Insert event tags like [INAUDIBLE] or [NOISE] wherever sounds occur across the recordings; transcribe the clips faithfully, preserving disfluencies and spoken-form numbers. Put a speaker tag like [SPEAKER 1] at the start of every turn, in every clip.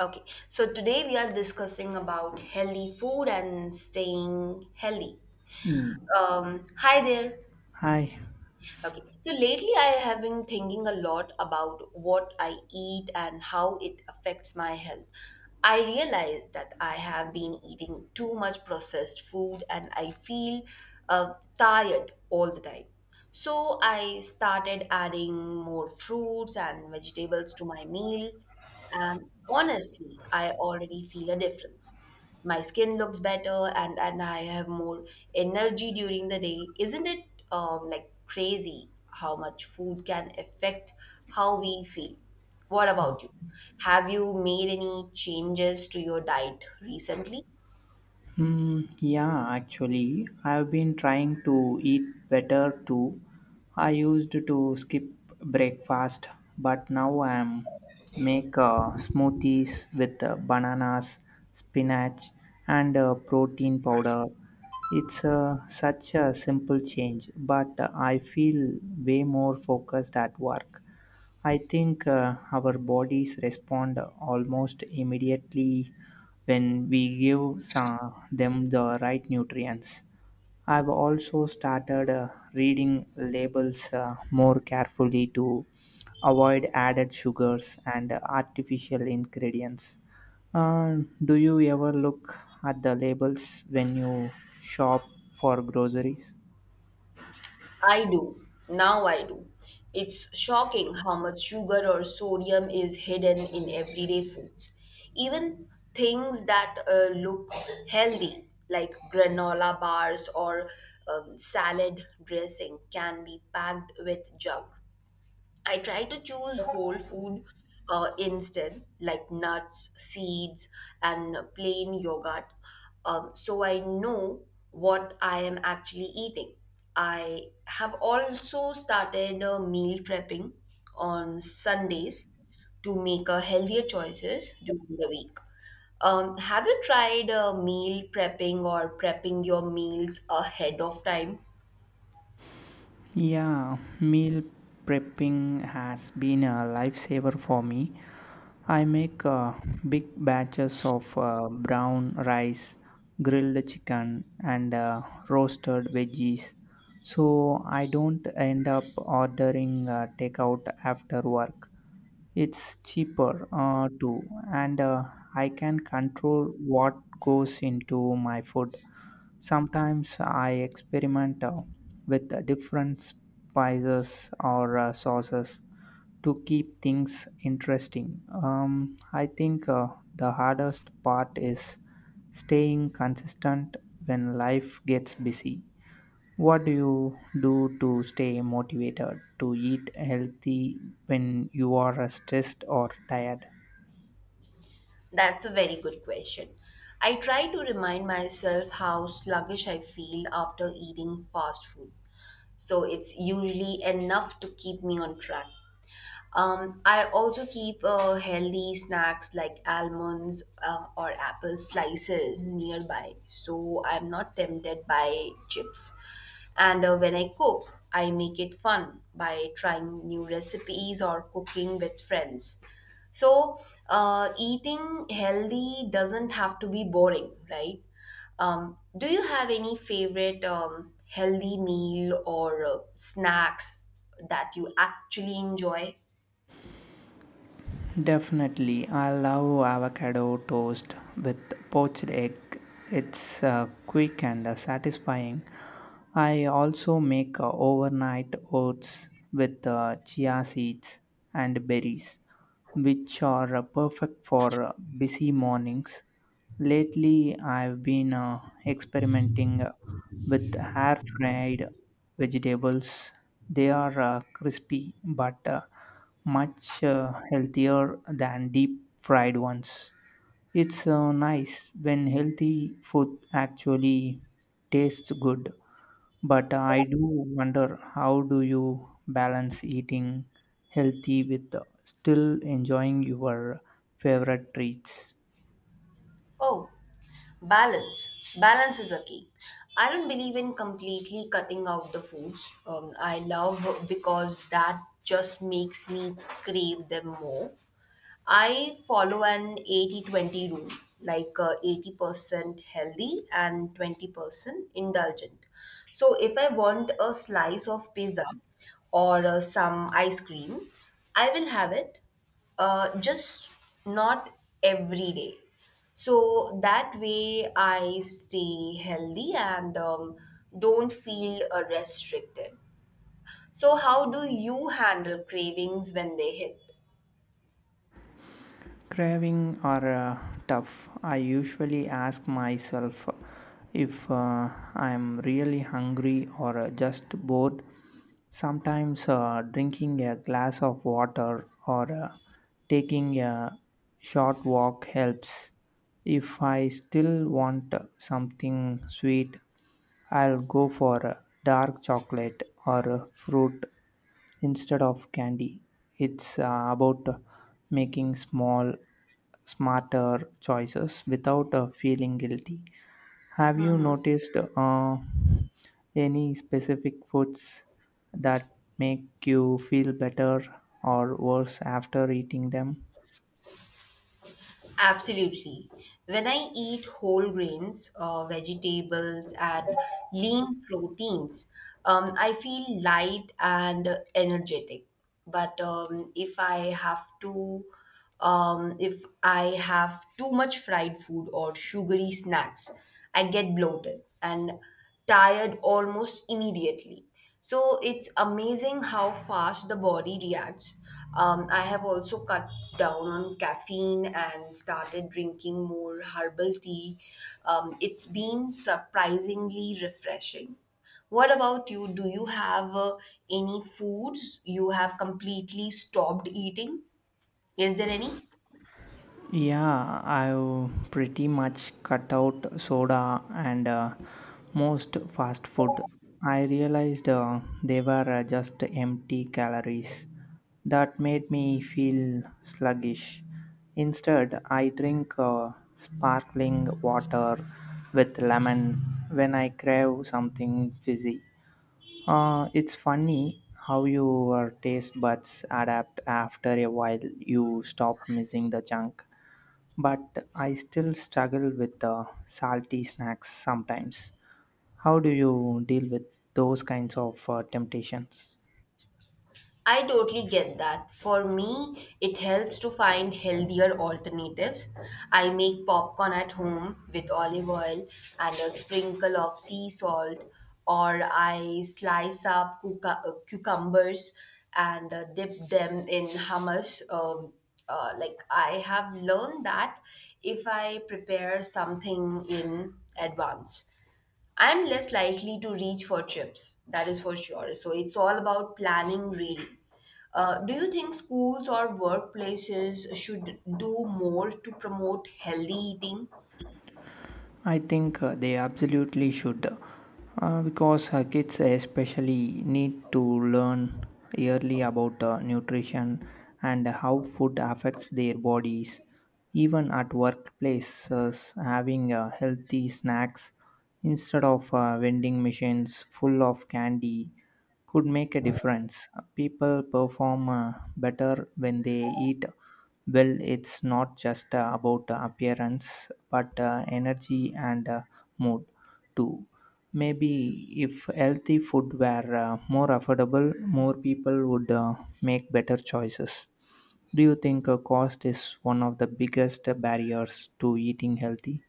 [SPEAKER 1] Okay, so today we are discussing about healthy food and staying healthy.
[SPEAKER 2] Hmm.
[SPEAKER 1] Um, hi there.
[SPEAKER 2] Hi.
[SPEAKER 1] Okay. So lately, I have been thinking a lot about what I eat and how it affects my health. I realize that I have been eating too much processed food and I feel uh, tired all the time. So I started adding more fruits and vegetables to my meal, and honestly, I already feel a difference, my skin looks better, and and I have more energy during the day, isn't it um, like crazy how much food can affect how we feel? What about you, have you made any changes to your diet recently?
[SPEAKER 2] Hmm. Yeah, actually, I've been trying to eat better too. I used to skip breakfast, but now I'm make uh, smoothies with uh, bananas, spinach, and uh, protein powder. It's uh, such a simple change, but I feel way more focused at work. I think uh, our bodies respond almost immediately when we give some, them the right nutrients. I've also started uh, reading labels uh, more carefully to avoid added sugars and artificial ingredients. Uh, do you ever look at the labels when you shop for groceries?
[SPEAKER 1] I do. Now I do. It's shocking how much sugar or sodium is hidden in everyday foods. Even things that uh, look healthy, like granola bars or um, salad dressing, can be packed with junk. I try to choose whole food uh, instead, like nuts, seeds, and plain yogurt, um, so I know what I am actually eating. I have also started uh, meal prepping on Sundays to make uh, healthier choices during the week. Um, have you tried uh, meal prepping or prepping your meals ahead of time?
[SPEAKER 2] Yeah, meal prepping has been a lifesaver for me. I make uh, big batches of uh, brown rice, grilled chicken, and uh, roasted veggies, so I don't end up ordering uh, takeout after work. It's cheaper uh, too, and uh, I can control what goes into my food. Sometimes I experiment uh, with uh, different spices or uh, sauces to keep things interesting. Um, I think uh, the hardest part is staying consistent when life gets busy. What do you do to stay motivated to eat healthy when you are uh, stressed or tired?
[SPEAKER 1] That's a very good question. I try to remind myself how sluggish I feel after eating fast food. So it's usually enough to keep me on track. Um, I also keep uh, healthy snacks like almonds um, or apple slices nearby, so I'm not tempted by chips. And uh, when I cook, I make it fun by trying new recipes or cooking with friends. So, uh, eating healthy doesn't have to be boring, right? Um, do you have any favorite um, healthy meal or uh, snacks that you actually enjoy?
[SPEAKER 2] Definitely, I love avocado toast with poached egg. It's uh, quick and uh, satisfying. I also make uh, overnight oats with uh, chia seeds and berries, which are uh, perfect for uh, busy mornings. Lately, I've been uh, experimenting with air fried vegetables. They are uh, crispy but uh, much uh, healthier than deep fried ones. It's uh, nice when healthy food actually tastes good, but I do wonder, how do you balance eating healthy with uh, still enjoying your favorite treats?
[SPEAKER 1] Oh, balance. Balance is a key. I don't believe in completely cutting out the foods um, I love because that just makes me crave them more. I follow an eighty twenty rule, like uh, eighty percent healthy and twenty percent indulgent. So if I want a slice of pizza or uh, some ice cream, I will have it, uh, just not every day. So that way I stay healthy and um, don't feel uh, restricted. So how do you handle cravings when they hit?
[SPEAKER 2] Craving are uh, tough. I usually ask myself if uh, I'm really hungry or uh, just bored. Sometimes uh, drinking a glass of water or uh, taking a short walk helps. If I still want something sweet, I'll go for uh, dark chocolate or uh, fruit instead of candy. It's uh, about uh, making small, smarter choices without uh, feeling guilty. Have you noticed uh, any specific foods that make you feel better or worse after eating them?
[SPEAKER 1] Absolutely. When I eat whole grains, uh, vegetables, and lean proteins, um, I feel light and energetic. But um, if I have to, um, if I have too much fried food or sugary snacks, I get bloated and tired almost immediately. So it's amazing how fast the body reacts. Um, I have also cut down on caffeine and started drinking more herbal tea. Um, it's been surprisingly refreshing. What about you? Do you have uh, any foods you have completely stopped eating? Is there any?
[SPEAKER 2] Yeah, I've pretty much cut out soda and uh, most fast food. I realized uh, they were uh, just empty calories. That made me feel sluggish. Instead, I drink uh, sparkling water with lemon when I crave something fizzy. Uh, it's funny how your taste buds adapt. After a while you stop missing the junk, but I still struggle with the salty snacks sometimes. How do you deal with those kinds of uh, temptations?
[SPEAKER 1] I totally get that. For me, it helps to find healthier alternatives. I make popcorn at home with olive oil and a sprinkle of sea salt, or I slice up cuca- uh, cucumbers and uh, dip them in hummus. Um, uh, like, I have learned that if I prepare something in advance. I'm less likely to reach for chips, that is for sure. So it's all about planning, really. Uh, do you think schools or workplaces should do more to promote healthy eating?
[SPEAKER 2] I think uh, they absolutely should, uh, because uh, kids especially need to learn early about uh, nutrition and how food affects their bodies. Even at workplaces, having uh, healthy snacks instead of uh, vending machines full of candy could make a difference. People perform uh, better when they eat well. It's not just uh, about uh, appearance, but uh, energy and uh, mood too. Maybe if healthy food were uh, more affordable, more people would uh, make better choices. Do you think uh, cost is one of the biggest barriers to eating healthy?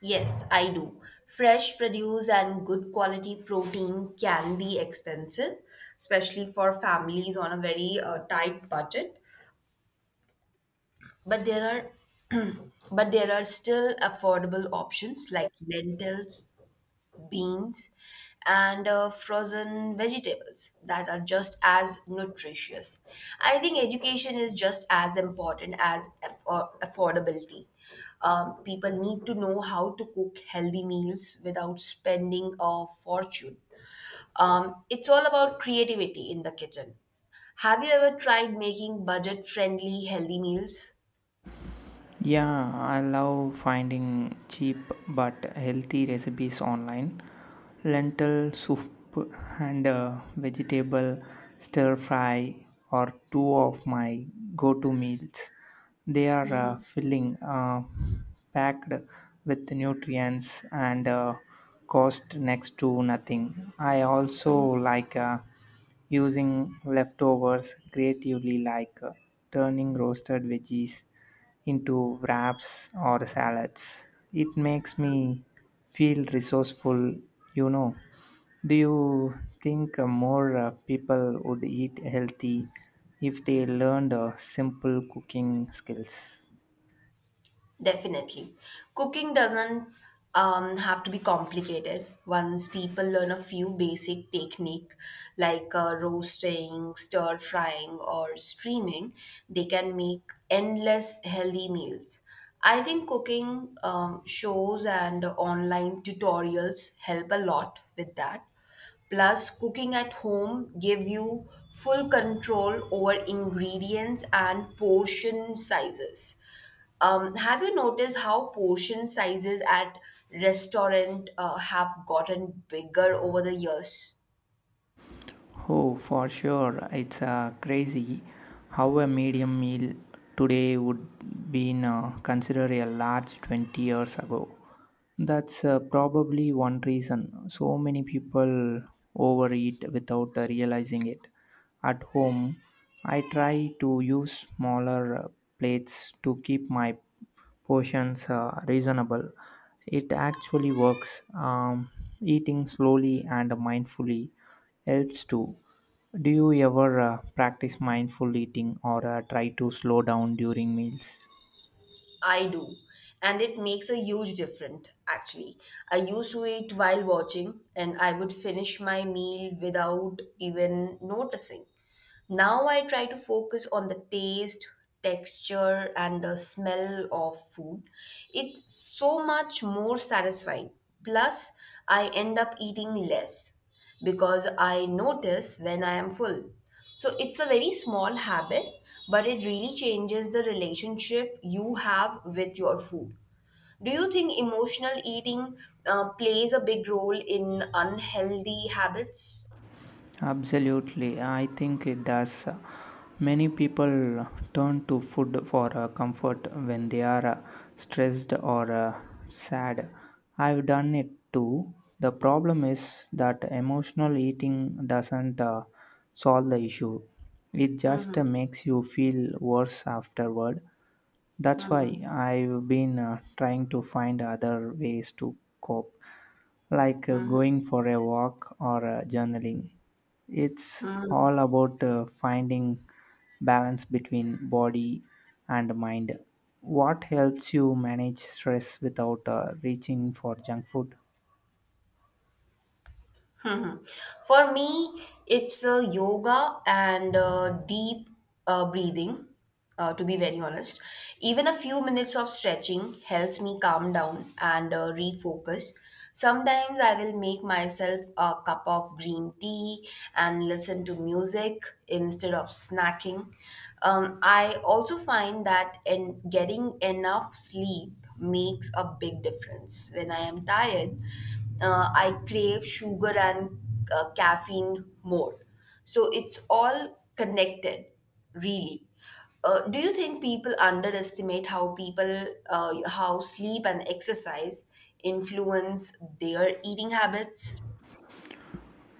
[SPEAKER 1] Yes, I do. Fresh produce and good quality protein can be expensive, especially for families on a very uh, tight budget. But there are [CLEARS THROAT] but there are still affordable options like lentils, beans, and uh, frozen vegetables that are just as nutritious. I think education is just as important as affor- affordability. Um, people need to know how to cook healthy meals without spending a fortune. Um, it's all about creativity in the kitchen. Have you ever tried making budget friendly healthy meals?
[SPEAKER 2] Yeah, I love finding cheap but healthy recipes online. Lentil soup and uh, vegetable stir fry are two of my go to meals. They are uh, filling, uh, packed with nutrients, and uh, cost next to nothing. I also like uh, using leftovers creatively, like uh, turning roasted veggies into wraps or salads. It makes me feel resourceful, you know. Do you think uh, more uh, people would eat healthy if they learned uh, simple cooking skills?
[SPEAKER 1] Definitely. Cooking doesn't um, have to be complicated. Once people learn a few basic technique like uh, roasting, stir frying or steaming, they can make endless healthy meals. I think cooking um, shows and online tutorials help a lot with that. Plus, cooking at home give you full control over ingredients and portion sizes. Um, have you noticed how portion sizes at restaurant uh, have gotten bigger over the years?
[SPEAKER 2] Oh, for sure. It's uh, crazy how a medium meal today would be uh, considered a large twenty years ago. That's uh, probably one reason so many people overeat without uh, realizing it. At home, I try to use smaller uh, plates to keep my portions uh, reasonable. It actually works. Um, eating slowly and mindfully helps too. Do you ever uh, practice mindful eating or uh, try to slow down during meals?
[SPEAKER 1] I do. And it makes a huge difference, actually. I used to eat while watching, and I would finish my meal without even noticing. Now I try to focus on the taste, texture, and the smell of food. It's so much more satisfying. Plus, I end up eating less because I notice when I am full. So it's a very small habit, but it really changes the relationship you have with your food. Do you think emotional eating uh, plays a big role in unhealthy habits?
[SPEAKER 2] Absolutely, I think it does. Many people turn to food for uh, comfort when they are uh, stressed or uh, sad. I've done it too. The problem is that emotional eating doesn't uh, solve the issue, it just uh, makes you feel worse afterward. That's why I've been uh, trying to find other ways to cope, like uh, going for a walk or uh, journaling. It's all about uh, finding balance between body and mind. What helps you manage stress without uh, reaching for junk food?
[SPEAKER 1] For me, it's uh, yoga and uh, deep uh, breathing, uh, to be very honest. Even a few minutes of stretching helps me calm down and uh, refocus. Sometimes I will make myself a cup of green tea and listen to music instead of snacking. Um, I also find that in getting enough sleep makes a big difference. When I am tired, uh, I crave sugar and uh, caffeine more. So it's all connected, really. Uh, do you think people underestimate how people, uh, how sleep and exercise influence their eating habits?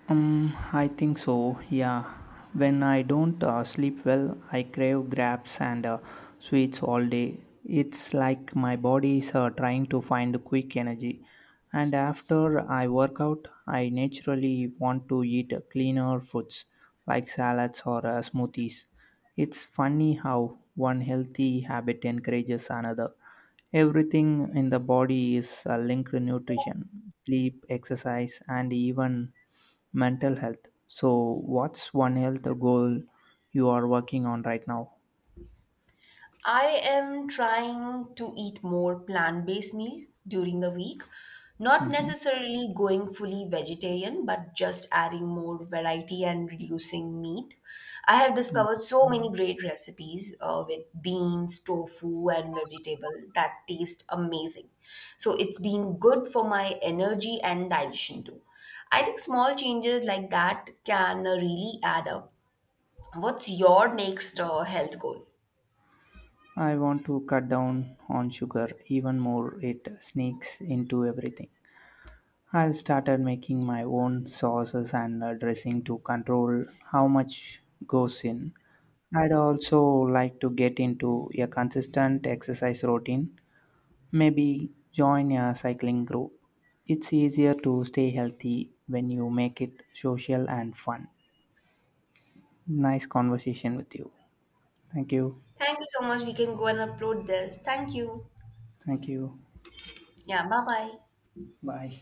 [SPEAKER 2] Um, I think so. Yeah. When I don't uh, sleep well, I crave grabs and uh, sweets all day. It's like my body is uh, trying to find quick energy. And after I work out, I naturally want to eat uh, cleaner foods like salads or uh, smoothies. It's funny how one healthy habit encourages another. Everything in the body is uh, linked to nutrition, sleep, exercise, and even mental health. So, what's one health goal you are working on right now?
[SPEAKER 1] I am trying to eat more plant based meals during the week. Not
[SPEAKER 2] Mhm.
[SPEAKER 1] necessarily going fully vegetarian, but just adding more variety and reducing meat. I have discovered so many great recipes uh, with beans, tofu, and vegetable that taste amazing. So it's been good for my energy and digestion too. I think small changes like that can uh, really add up. What's your next uh, health goal?
[SPEAKER 2] I want to cut down on sugar even more, it sneaks into everything. I've started making my own sauces and uh, dressing to control how much goes in. I'd also like to get into a consistent exercise routine. Maybe join a cycling group. It's easier to stay healthy when you make it social and fun. Nice conversation with you. Thank you.
[SPEAKER 1] Thank you so much. We can go and upload this. Thank you.
[SPEAKER 2] Thank you.
[SPEAKER 1] Yeah, bye bye.
[SPEAKER 2] Bye.